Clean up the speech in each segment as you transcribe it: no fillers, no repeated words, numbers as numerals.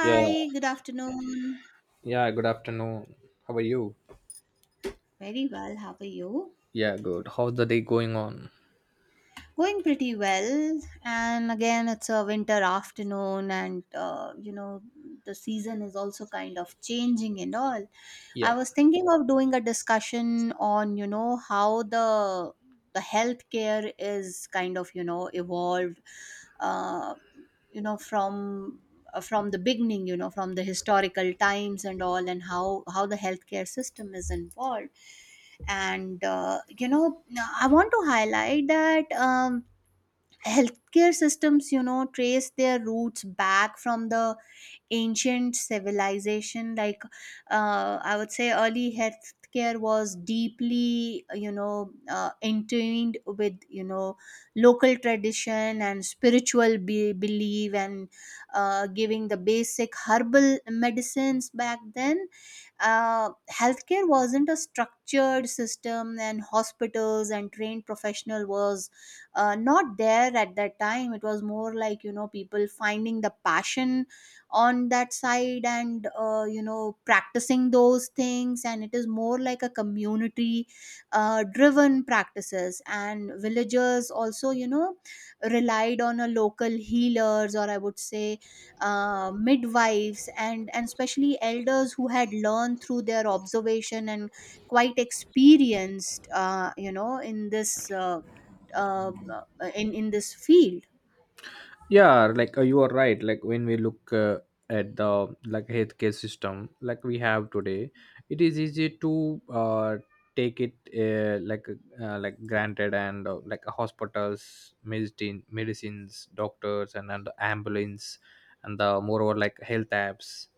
Yeah, good afternoon. yeah, good afternoon. How are you? Very well, how are you? Yeah, good. How's the day going on? Going pretty well. And again, it's a winter afternoon, and the season is also kind of changing and all. I Yeah, was thinking of doing a discussion on, how the healthcare is kind of, evolved uh, you know, from from the beginning, from the historical times and all, and how the healthcare system is involved. And you know I want to highlight that healthcare systems trace their roots back from the ancient civilization like I would say early healthcare was deeply entwined with local tradition and spiritual belief and giving the basic herbal medicines back then. Healthcare wasn't a structured system and hospitals and trained professional was not there at that time. It was more like people finding the passion on that side and practicing those things, and it is more like a community driven practices, and villagers also relied on a local healers or I would say midwives and especially elders who had learned through their observation and quite experienced uh, in this field. yeah, like you are right. Like when we look at the like healthcare system like we have today, it is easy to take it uh, like like granted, and like hospitals, medicines, doctors, and ambulance, and the moreover like health apps,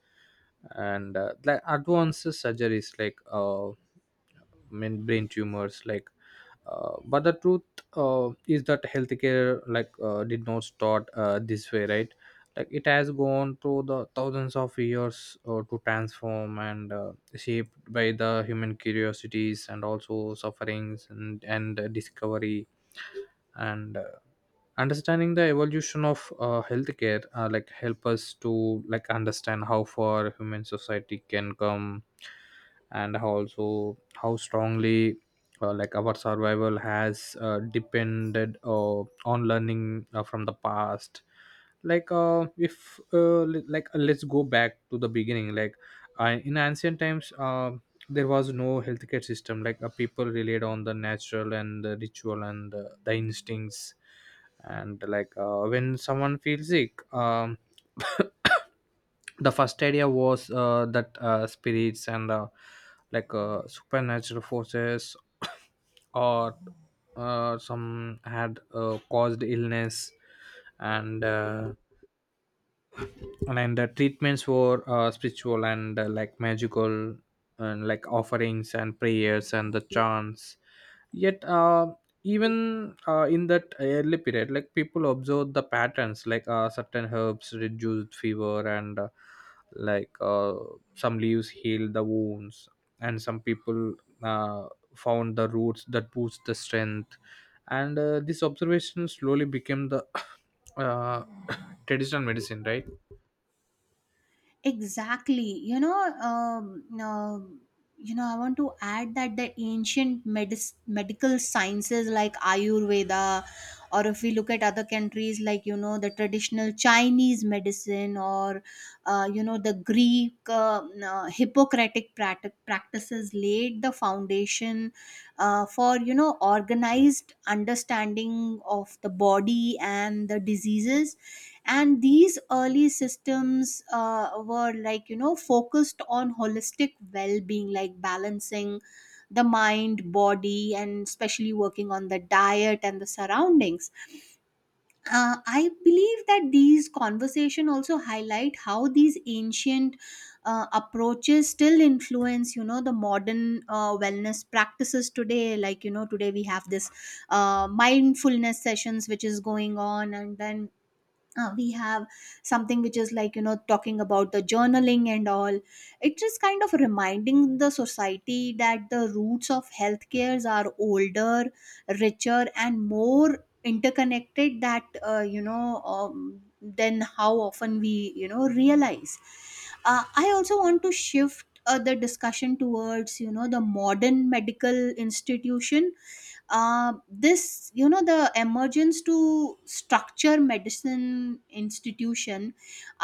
and like advanced surgeries, like I mean brain tumors, like but the truth is that healthcare like did not start this way, right? Like it has gone through the thousands of years to transform and shaped by the human curiosities and also sufferings and discovery, and understanding the evolution of healthcare like help us to like understand how far human society can come, and how also how strongly like our survival has depended on learning from the past. Like if like let's go back to the beginning. Like in ancient times, there was no healthcare system. Like people relied on the natural and the ritual and the instincts. And like when someone feels sick, the first idea was that spirits and like supernatural forces or some had caused illness. And and the treatments were spiritual and like magical, and like offerings and prayers and the chants. Yet even in that early period, like people observed the patterns. Like certain herbs reduced fever, and like some leaves heal the wounds, and some people uh, found the roots that boost the strength. And this observation slowly became the uh, traditional medicine, right? Exactly. you know um, um, I want to add that the ancient medical sciences like ayurveda, or if we look at other countries like the traditional Chinese medicine, or the Greek hippocratic practices laid the foundation for organized understanding of the body and the diseases. And these early systems were like focused on holistic well-being, like balancing the mind, body, and especially working on the diet and the surroundings. I believe that these conversation also highlight how these ancient approaches still influence the modern wellness practices today. Like today we have this mindfulness sessions which is going on, and then we have something which is like talking about the journaling and all. It is kind of reminding the society that the roots of healthcares are older, richer, and more interconnected that than how often we realize. I also want to shift the discussion towards the modern medical institution. This the emergence to structure medicine institution,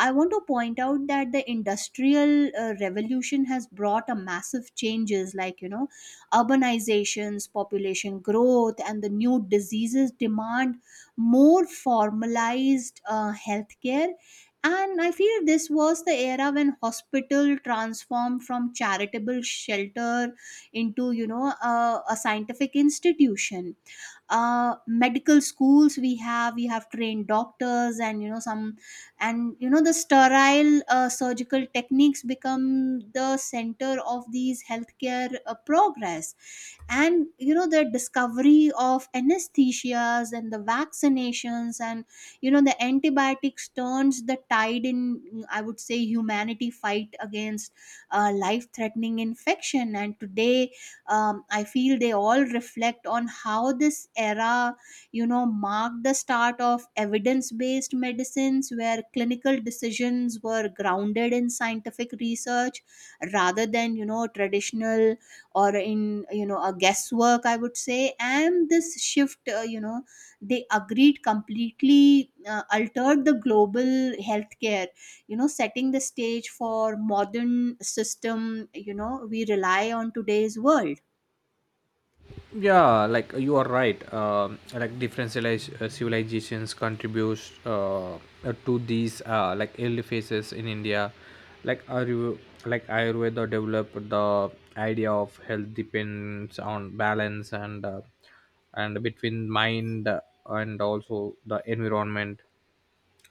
I want to point out that the industrial revolution has brought a massive changes, like urbanizations, population growth, and the new diseases demand more formalized healthcare. And I feel this was the era when hospital transformed from charitable shelter into a scientific institution. Medical schools, we have trained doctors and some, and the sterile surgical techniques become the center of these healthcare progress. And the discovery of anesthesias and the vaccinations and the antibiotics turns the tide in, I would say, humanity fight against life threatening infection. And today I feel they all reflect on how this era marked the start of evidence based medicines where clinical decisions were grounded in scientific research rather than traditional or in a guesswork, I would say. And this shift they agreed completely altered the global healthcare, setting the stage for modern system we rely on today's world. Yeah, like you are right. Like different civilizations contributes to these like early phases. In India, like Ayurveda developed the idea of health depends on balance and and between mind and also the environment.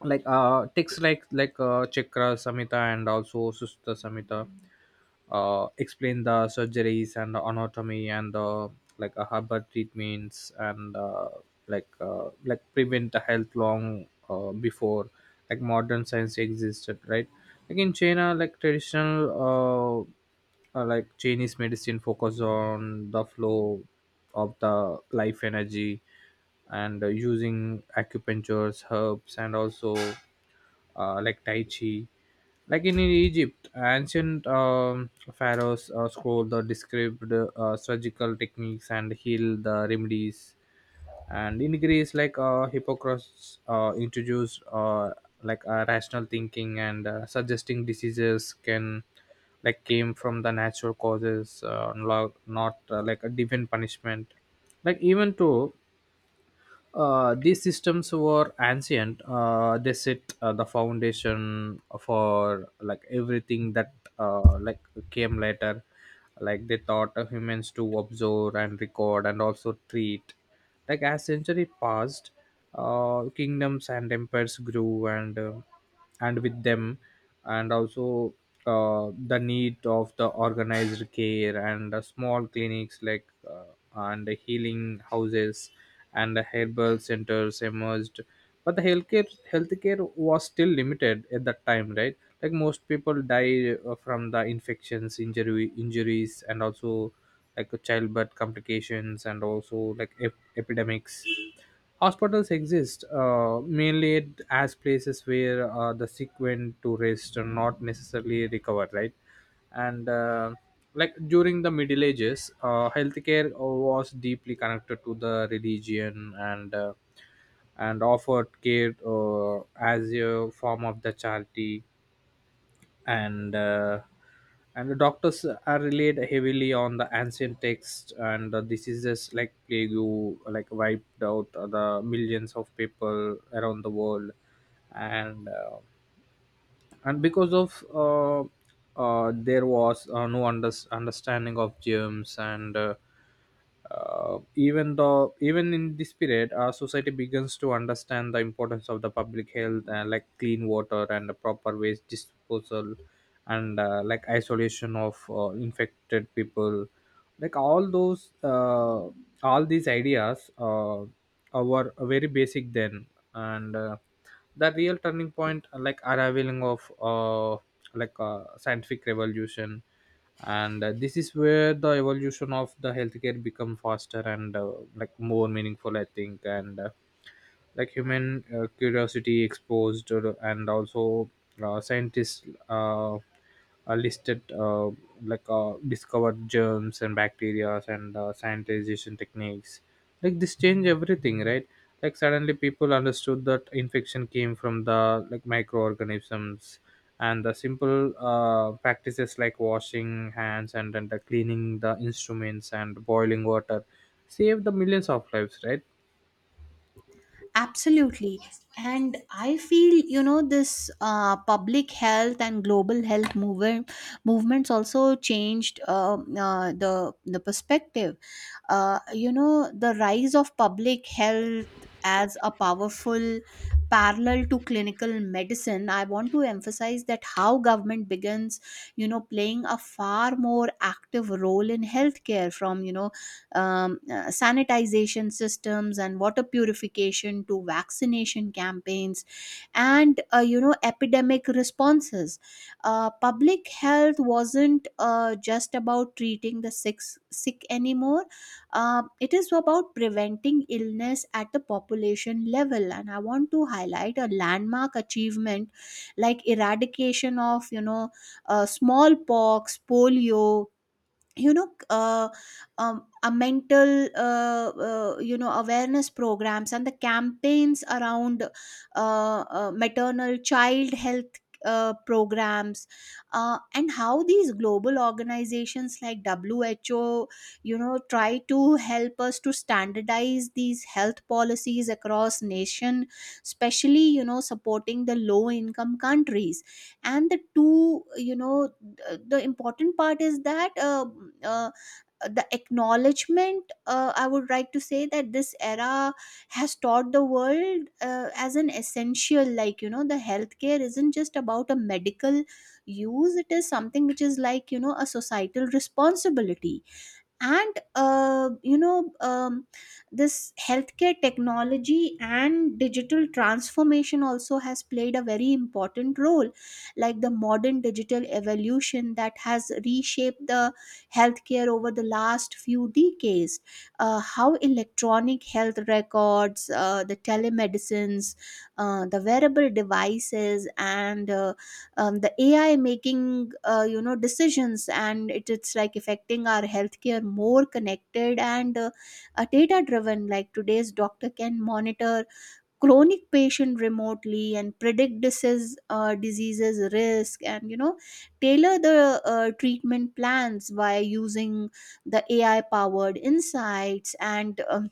Like texts like Chakra Samhita and also Susta Samhita explain the surgeries and the anatomy and the like herbal treatments and like prevent the health long before like modern science existed, right? Like in China, like traditional like Chinese medicine focus on the flow of the life energy, and using acupunctures, herbs, and also like Tai Chi. Like in Egypt, ancient pharaohs scroll the described surgical techniques and heal the remedies. And in Greece, like Hippocrates introduced like rational thinking and suggesting diseases can like came from the natural causes, not like a divine punishment. Like even though these systems were ancient, they set the foundation for like everything that like came later. Like they taught humans to observe and record and also treat. Like as century passed, kingdoms and empires grew, and and with them, and also the need of the organized care, and small clinics like and healing houses and herbal centers emerged. But the healthcare was still limited at that time, right? Like most people die from the infections, injury injuries, and also like childbirth complications, and also like epidemics. Hospitals exist mainly as places where the sick went to rest and not necessarily recover, right? And like during the Middle Ages, healthcare was deeply connected to the religion, and and offered care as a form of the charity. And and the doctors are relied heavily on the ancient texts, and the diseases like plague you like wiped out the millions of people around the world. And and because of there was no understanding of germs. And even though even in this period, our society begins to understand the importance of the public health, like clean water and the proper waste disposal, and like isolation of infected people. Like all those all these ideas were very basic then. And the real turning point like arriving of like scientific revolution. And this is where the evolution of the healthcare become faster and like more meaningful, I think. And like human curiosity exposed, and also scientists uh, listed like discovered germs and bacteria and sanitization techniques. Like this changed everything, right? Like suddenly people understood that infection came from the like microorganisms, and the simple practices like washing hands, and the cleaning the instruments and boiling water saved the millions of lives, right? Absolutely. And I feel, this public health and global health movements also changed the perspective. The rise of public health as a powerful parallel to clinical medicine, I want to emphasize that how government begins, you know, playing a far more active role in healthcare from, sanitization systems and water purification to vaccination campaigns and epidemic responses. Public health wasn't just about treating the sick anymore. It is about preventing illness at the population level. And I want to highlight a landmark achievement like eradication of you know smallpox, polio, you know uh, a mental awareness programs and the campaigns around maternal child health programs, and how these global organizations like WHO try to help us to standardize these health policies across nation, especially supporting the low income countries. And the two the important part is that uh, the acknowledgement, I would like to say that this era has taught the world as an essential, like the healthcare isn't just about a medical use, it is something which is like a societal responsibility. And this healthcare technology and digital transformation also has played a very important role. Like the modern digital evolution that has reshaped the healthcare over the last few decades, how electronic health records, the telemedicines, the wearable devices, and the AI making decisions, and it's like affecting our healthcare more connected and data driven. Like today's doctor can monitor chronic patient remotely and predict diseases risk, and tailor the treatment plans by using the AI powered insights. And um,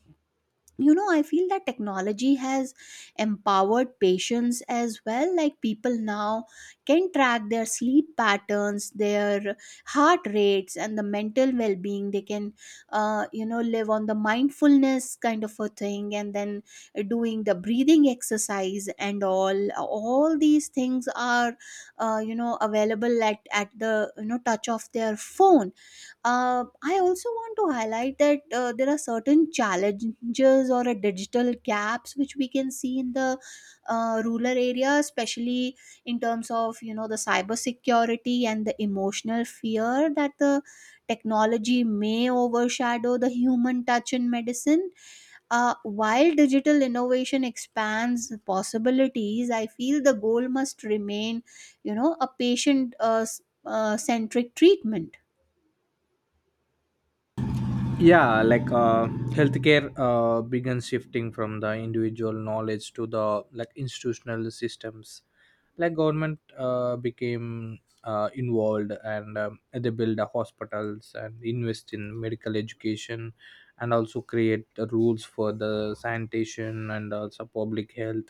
you know I feel that technology has empowered patients as well. Like people now can track their sleep patterns, their heart rates, and the mental well-being. They can live on the mindfulness kind of a thing, and then doing the breathing exercise, and all these things are available at the touch of their phone. I also want to highlight that there are certain challenges or a digital gaps which we can see in the rural area, especially in terms of the cyber security and the emotional fear that the technology may overshadow the human touch in medicine. While digital innovation expands possibilities, I feel the goal must remain a patient centric treatment. Yeah, like healthcare began shifting from the individual knowledge to the like institutional systems. Like government became involved, and they build the hospitals and invest in medical education, and also create the rules for the sanitation and also public health.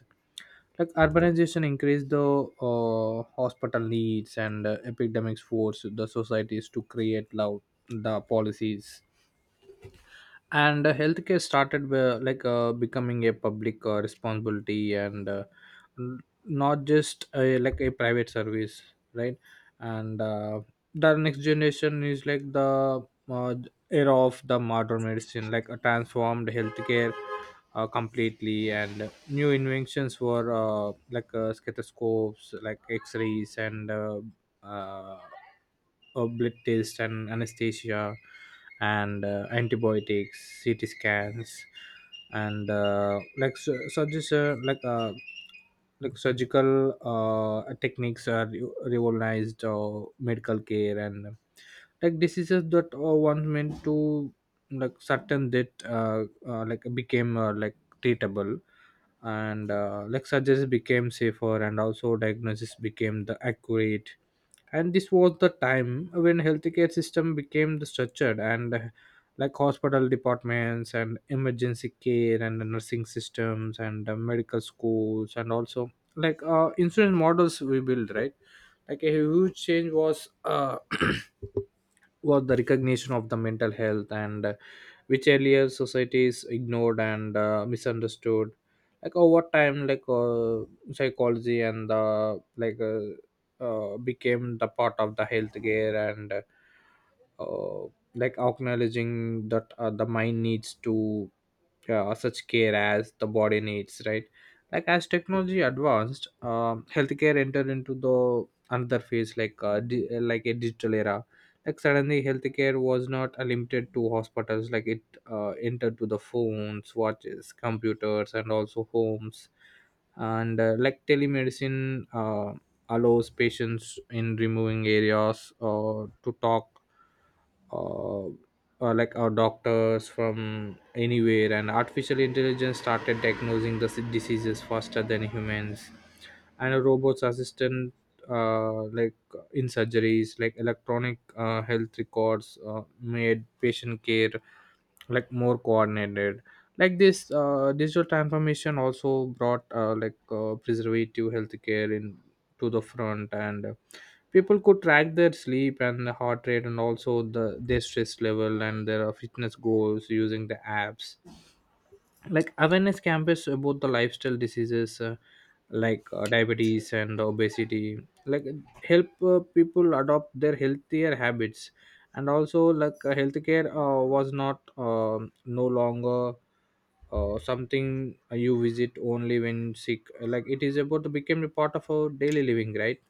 Like urbanization increased the hospital needs, and epidemics forced the societies to create loud the policies, and healthcare started like becoming a public responsibility, and not just a, like a private service, right? And the next generation is like the uh, era of the modern medicine. Like transformed healthcare completely, and new inventions were like stethoscopes, like x-rays and uh, blood test and anesthesia and antibiotics, CT scans, and like surges, like surgical techniques are revolutionized medical care. And like diseases that once meant to like certain that like became like treatable, and like surgeries became safer and also diagnosis became the accurate. And this was the time when healthcare system became the structured, and like hospital departments and emergency care and the nursing systems and medical schools and also like insurance models we build, right? Like a huge change was was the recognition of the mental health, and which earlier societies ignored and misunderstood. Like over time, like psychology and the like became the part of the healthcare, and uh, like acknowledging that the mind needs to such care as the body needs, right? Like as technology advanced, healthcare entered into the another phase. Like like a digital era. Like suddenly healthcare was not limited to hospitals. Like it entered to the phones, watches, computers, and also homes. And like telemedicine allows patients in removing areas to talk uh, like our doctors from anywhere, and artificial intelligence started diagnosing the diseases faster than humans, and a robot's assistant like in surgeries, like electronic health records made patient care like more coordinated. Like this digital transformation also brought like preservative healthcare in to the front, and people could track their sleep and the heart rate and also the their stress level and their fitness goals using the apps. Like awareness campaigns about the lifestyle diseases, like diabetes and obesity, like help people adopt their healthier habits. And also like healthcare was not no longer something you visit only when sick. Like it is about to become a part of our daily living, right?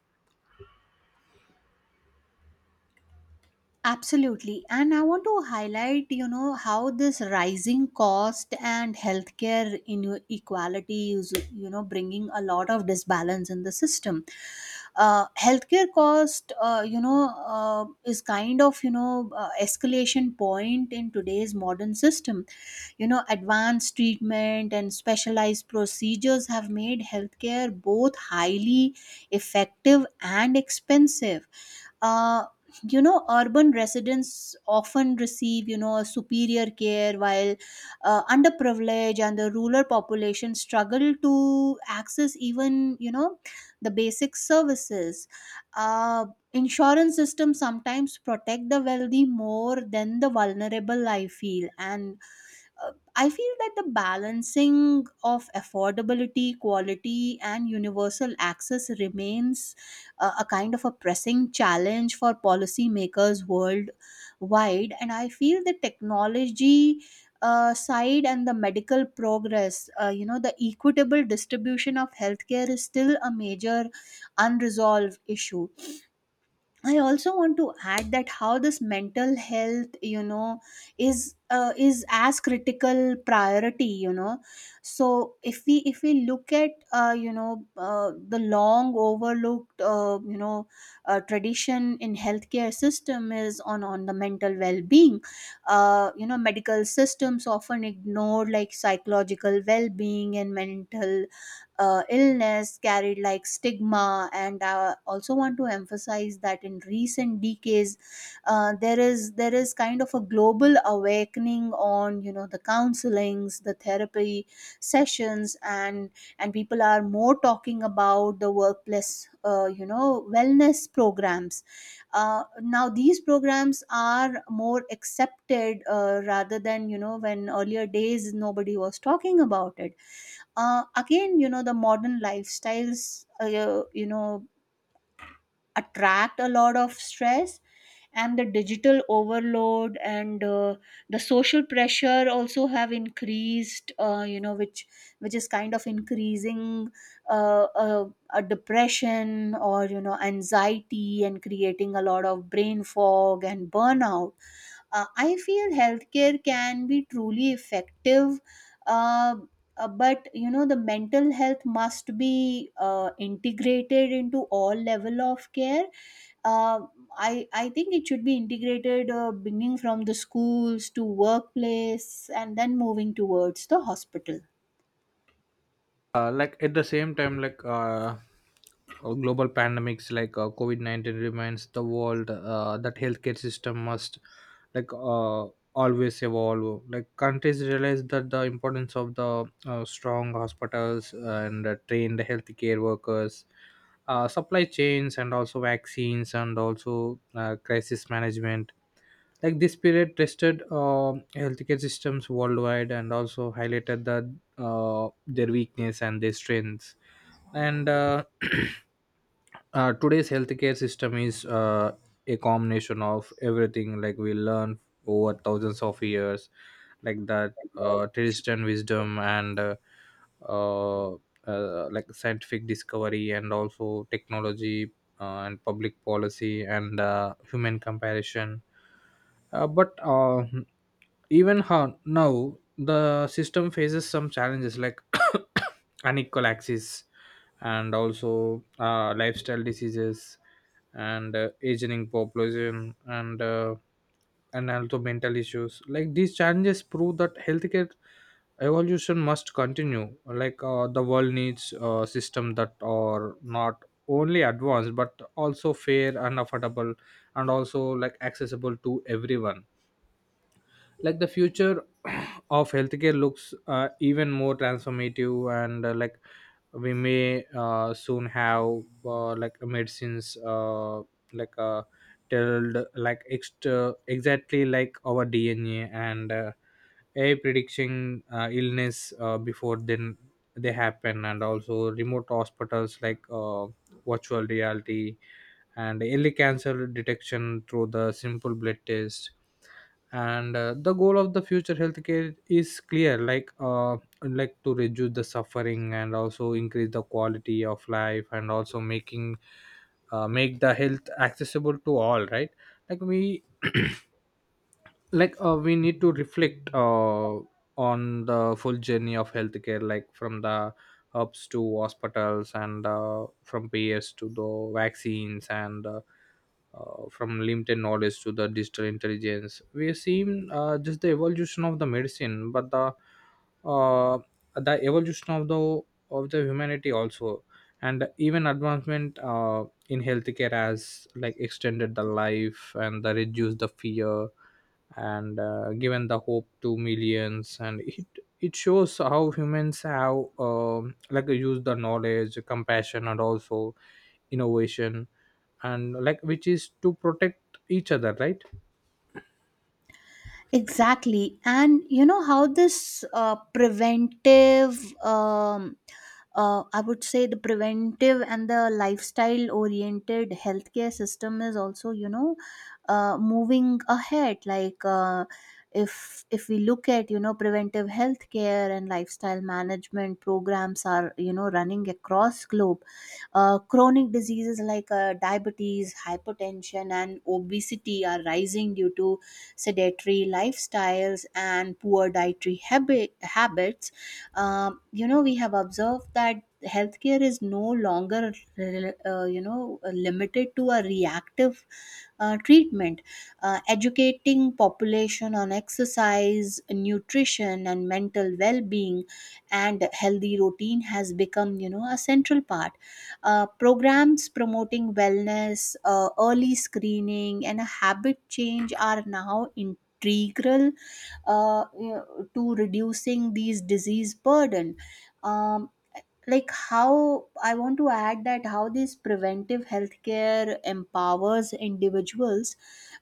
Absolutely. And I want to highlight, how this rising cost and healthcare inequality is, bringing a lot of disbalance in the system. Healthcare cost, is kind of, escalation point in today's modern system. You know, advanced treatment and specialized procedures have made healthcare both highly effective and expensive. Uh, Urban residents often receive a superior care, while underprivileged and the rural population struggle to access even the basic services. uh, Insurance systems sometimes protect the wealthy more than the vulnerable, I feel. And I feel that the balancing of affordability, quality, and universal access remains a kind of a pressing challenge for policymakers worldwide. And I feel the technology side and the medical progress, the equitable distribution of healthcare is still a major unresolved issue. I also want to add that how this mental health, is as critical priority, you know. So if we look at the long overlooked tradition in healthcare system is on the mental well being. You know, medical systems often ignore like psychological well being and mental illness carried like stigma. And I also want to emphasize that in recent decades there is kind of a global awakening on the counselings, the therapy sessions, and people are more talking about the workplace wellness programs. Now these programs are more accepted rather than when earlier days nobody was talking about it. Again, the modern lifestyles attract a lot of stress, and the digital overload, and the social pressure also have increased, which is kind of increasing uh, uh, a depression or anxiety, and creating a lot of brain fog and burnout. Uh, I feel healthcare can be truly effective, uh, but the mental health must be integrated into all level of care. Uh, I think it should be integrated beginning from the schools to workplace, and then moving towards the hospital. Like at the same time, like global pandemics like COVID-19 reminds the world that healthcare system must like always evolve. Like countries realize that the importance of the strong hospitals and trained healthcare workers, supply chains, and also vaccines, and also crisis management. Like this period tested healthcare systems worldwide and also highlighted the their weakness and their strengths. And today's healthcare system is a combination of everything like we learn over thousands of years, like that traditional wisdom and like scientific discovery and also technology and public policy and human comparison. But even how now the system faces some challenges like unequal access, and also lifestyle diseases, and aging population, and and also mental issues. Like these challenges prove that healthcare evolution must continue. Like the world needs a system that are not only advanced but also fair and affordable, and also like accessible to everyone. Like the future of healthcare looks even more transformative, and like we may soon have like medicines like tailored like extra exactly like our DNA, and AI predicting illness before then they happen, and also remote hospitals, like virtual reality and early cancer detection through the simple blood test. And the goal of the future healthcare is clear, like to reduce the suffering and also increase the quality of life, and also making make the health accessible to all. Right, like we like we need to reflect on the full journey of healthcare, like from the hubs to hospitals, and from ps to the vaccines, and from limited knowledge to the digital intelligence. We have seen just the evolution of the medicine, but the uh, the evolution of the humanity also. And even advancement in healthcare has like extended the life and the reduced the fear, and given the hope to millions. And it shows how humans have like used the knowledge, compassion, and also innovation, and like which is to protect each other, right? Exactly. And you know how this preventive, um, I would say the preventive and the lifestyle oriented healthcare system is also, moving ahead. Like, if we look at preventive healthcare and lifestyle management programs are running across globe. Chronic diseases like diabetes, hypertension, and obesity are rising due to sedentary lifestyles and poor habits. We have observed that healthcare is no longer, limited to a reactive treatment. Educating population on exercise, nutrition, and mental well-being and healthy routine has become, a central part. Programs promoting wellness, early screening, and a habit change are now integral uh, you know, to reducing these disease burden. Um, like how I want to add that how this preventive healthcare empowers individuals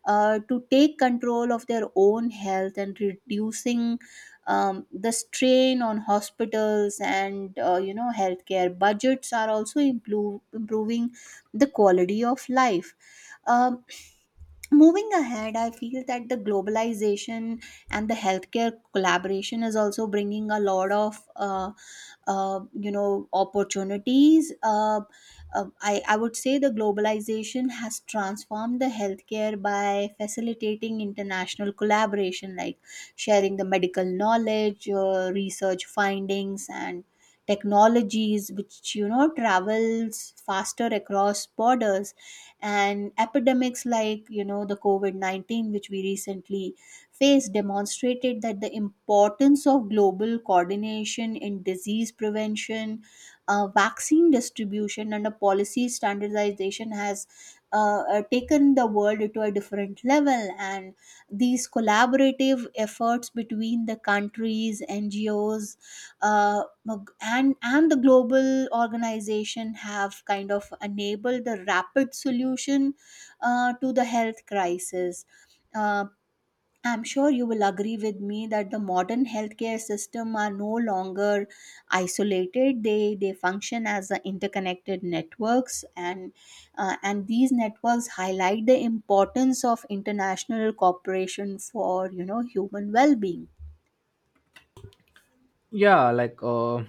to take control of their own health, and reducing the strain on hospitals, and healthcare budgets are also improving the quality of life. um, Moving ahead, I feel that the globalization and the healthcare collaboration is also bringing a lot of, opportunities. I would say the globalization has transformed the healthcare by facilitating international collaboration, like sharing the medical knowledge, research findings, and technologies, which, travels faster across borders. And epidemics like the covid-19, which we recently faced, demonstrated that the importance of global coordination in disease prevention, vaccine distribution, and a policy standardization has taken the world to a different level. And these collaborative efforts between the countries, ngos, uh, and the global organization have kind of enabled the rapid solution to the health crisis. Uh, I'm sure you will agree with me that the modern healthcare system are no longer isolated. They function as a interconnected networks, and these networks highlight the importance of international cooperation for human well-being. Yeah, like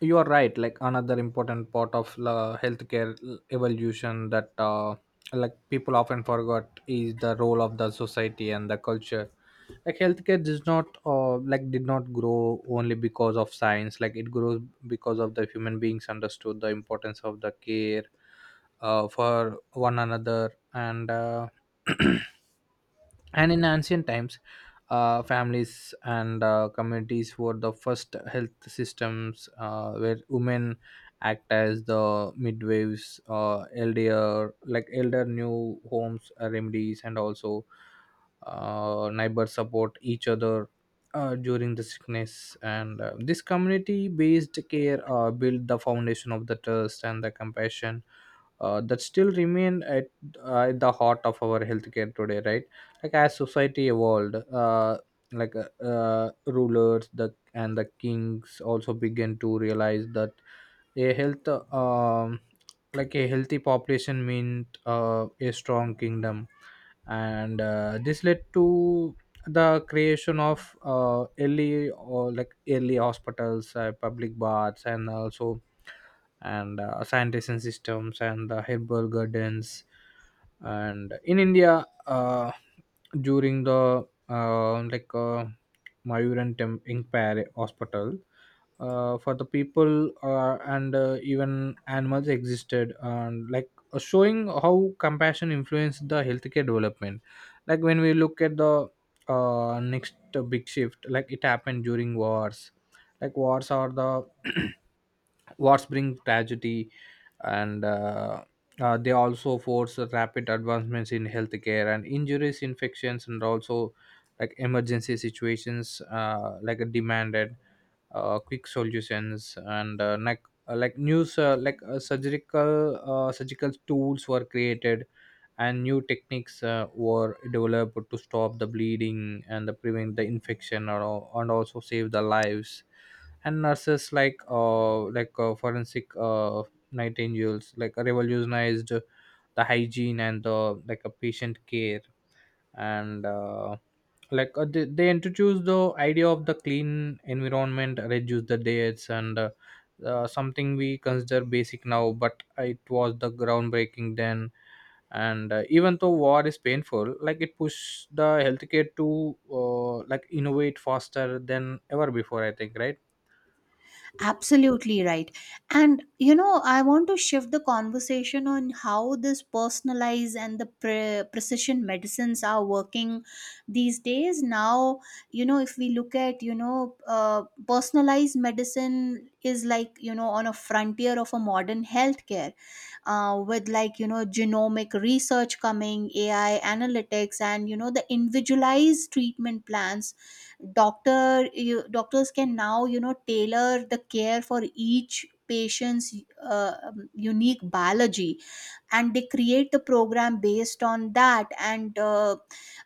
you are right, like another important part of la healthcare evolution that like people often forgot is the role of the society and the culture. Like healthcare does not like did not grow only because of science, like it grows because of the human beings understood the importance of the care for one another. And and in ancient times, families and communities were the first health systems, where women act as the midwives, elder new homes, remedies, and also neighbors support each other during the sickness. And this community based care built the foundation of the trust and the compassion that still remain at the heart of our healthcare today, right? Like as society evolved, rulers the and the kings also began to realize that a health, um, a healthy population meant a strong kingdom, and this led to the creation of early or like early hospitals, public baths, and also and sanitation systems and the herbal gardens. And in India, during the like Mayuran Imperial Hospital for the people and even animals existed, and like showing how compassion influenced the healthcare development. Like when we look at the next big shift, like it happened during wars. Like wars are the wars bring tragedy, and they also force rapid advancements in healthcare. And injuries, infections, and also like emergency situations like demanded quick solutions. And like news like surgical surgical tools were created, and new techniques were developed to stop the bleeding and the prevent the infection, and also save the lives. And nurses, like forensic nightingales, like revolutionized the hygiene and the like a patient care. And they they introduce the idea of the clean environment, reduce the dates. And something we consider basic now, but it was the groundbreaking then. And even though war is painful, like it pushed the healthcare to like innovate faster than ever before, I think, right? Absolutely right. And you know, I want to shift the conversation on how this personalized and the precision medicines are working these days. Now, you know, if we look at, you know, personalized medicine is like, on a frontier of a modern healthcare with like, genomic research coming, AI analytics, and, the individualized treatment plans, doctors can now tailor the care for each patient's unique biology, and they create the program based on that. And uh,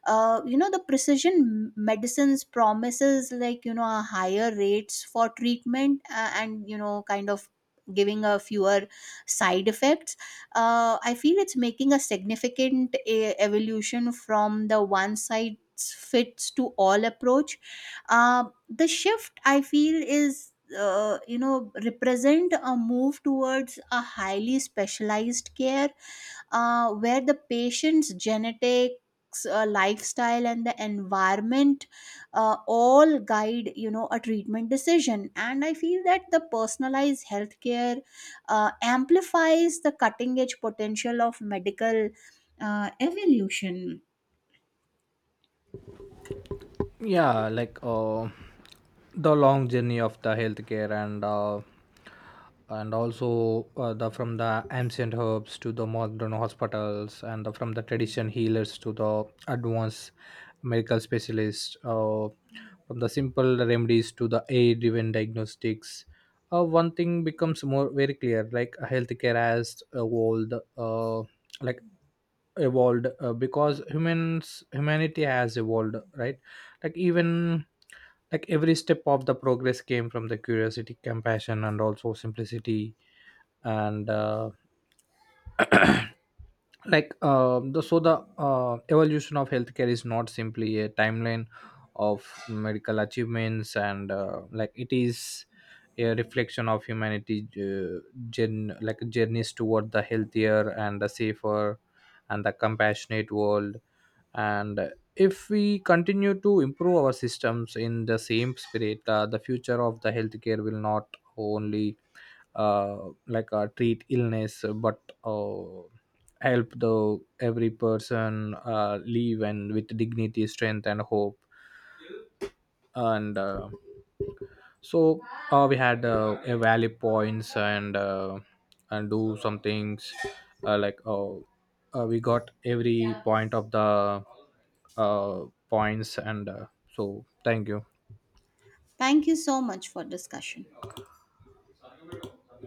uh, you know the precision medicines promises like a higher rates for treatment and kind of giving a fewer side effects. I feel it's making a significant evolution from the one size fits to all approach. uh, the shift I feel is represent a move towards a highly specialized care where the patient's genetics, lifestyle, and the environment all guide a treatment decision. And I feel that the personalized healthcare amplifies the cutting edge potential of medical evolution. Yeah, like the long journey of the healthcare, and also the from the ancient herbs to the modern hospitals, and the, from the tradition healers to the advanced medical specialists, from the simple remedies to the aid driven diagnostics, one thing becomes more very clear, like healthcare has evolved, uh, like because humans humanity has evolved, right? Like even like every step of the progress came from the curiosity, compassion, and also simplicity. And like the so the evolution of healthcare is not simply a timeline of medical achievements. And like it is a reflection of humanity, journeys toward the healthier and the safer and the compassionate world. And if we continue to improve our systems in the same spirit, the future of the healthcare will not only uh, treat illness, but help the every person live and with dignity, strength, and hope. And so we had a valley points, and do some things, uh, like uh, we got every point of the points, and so thank you. Thank you so much for discussion.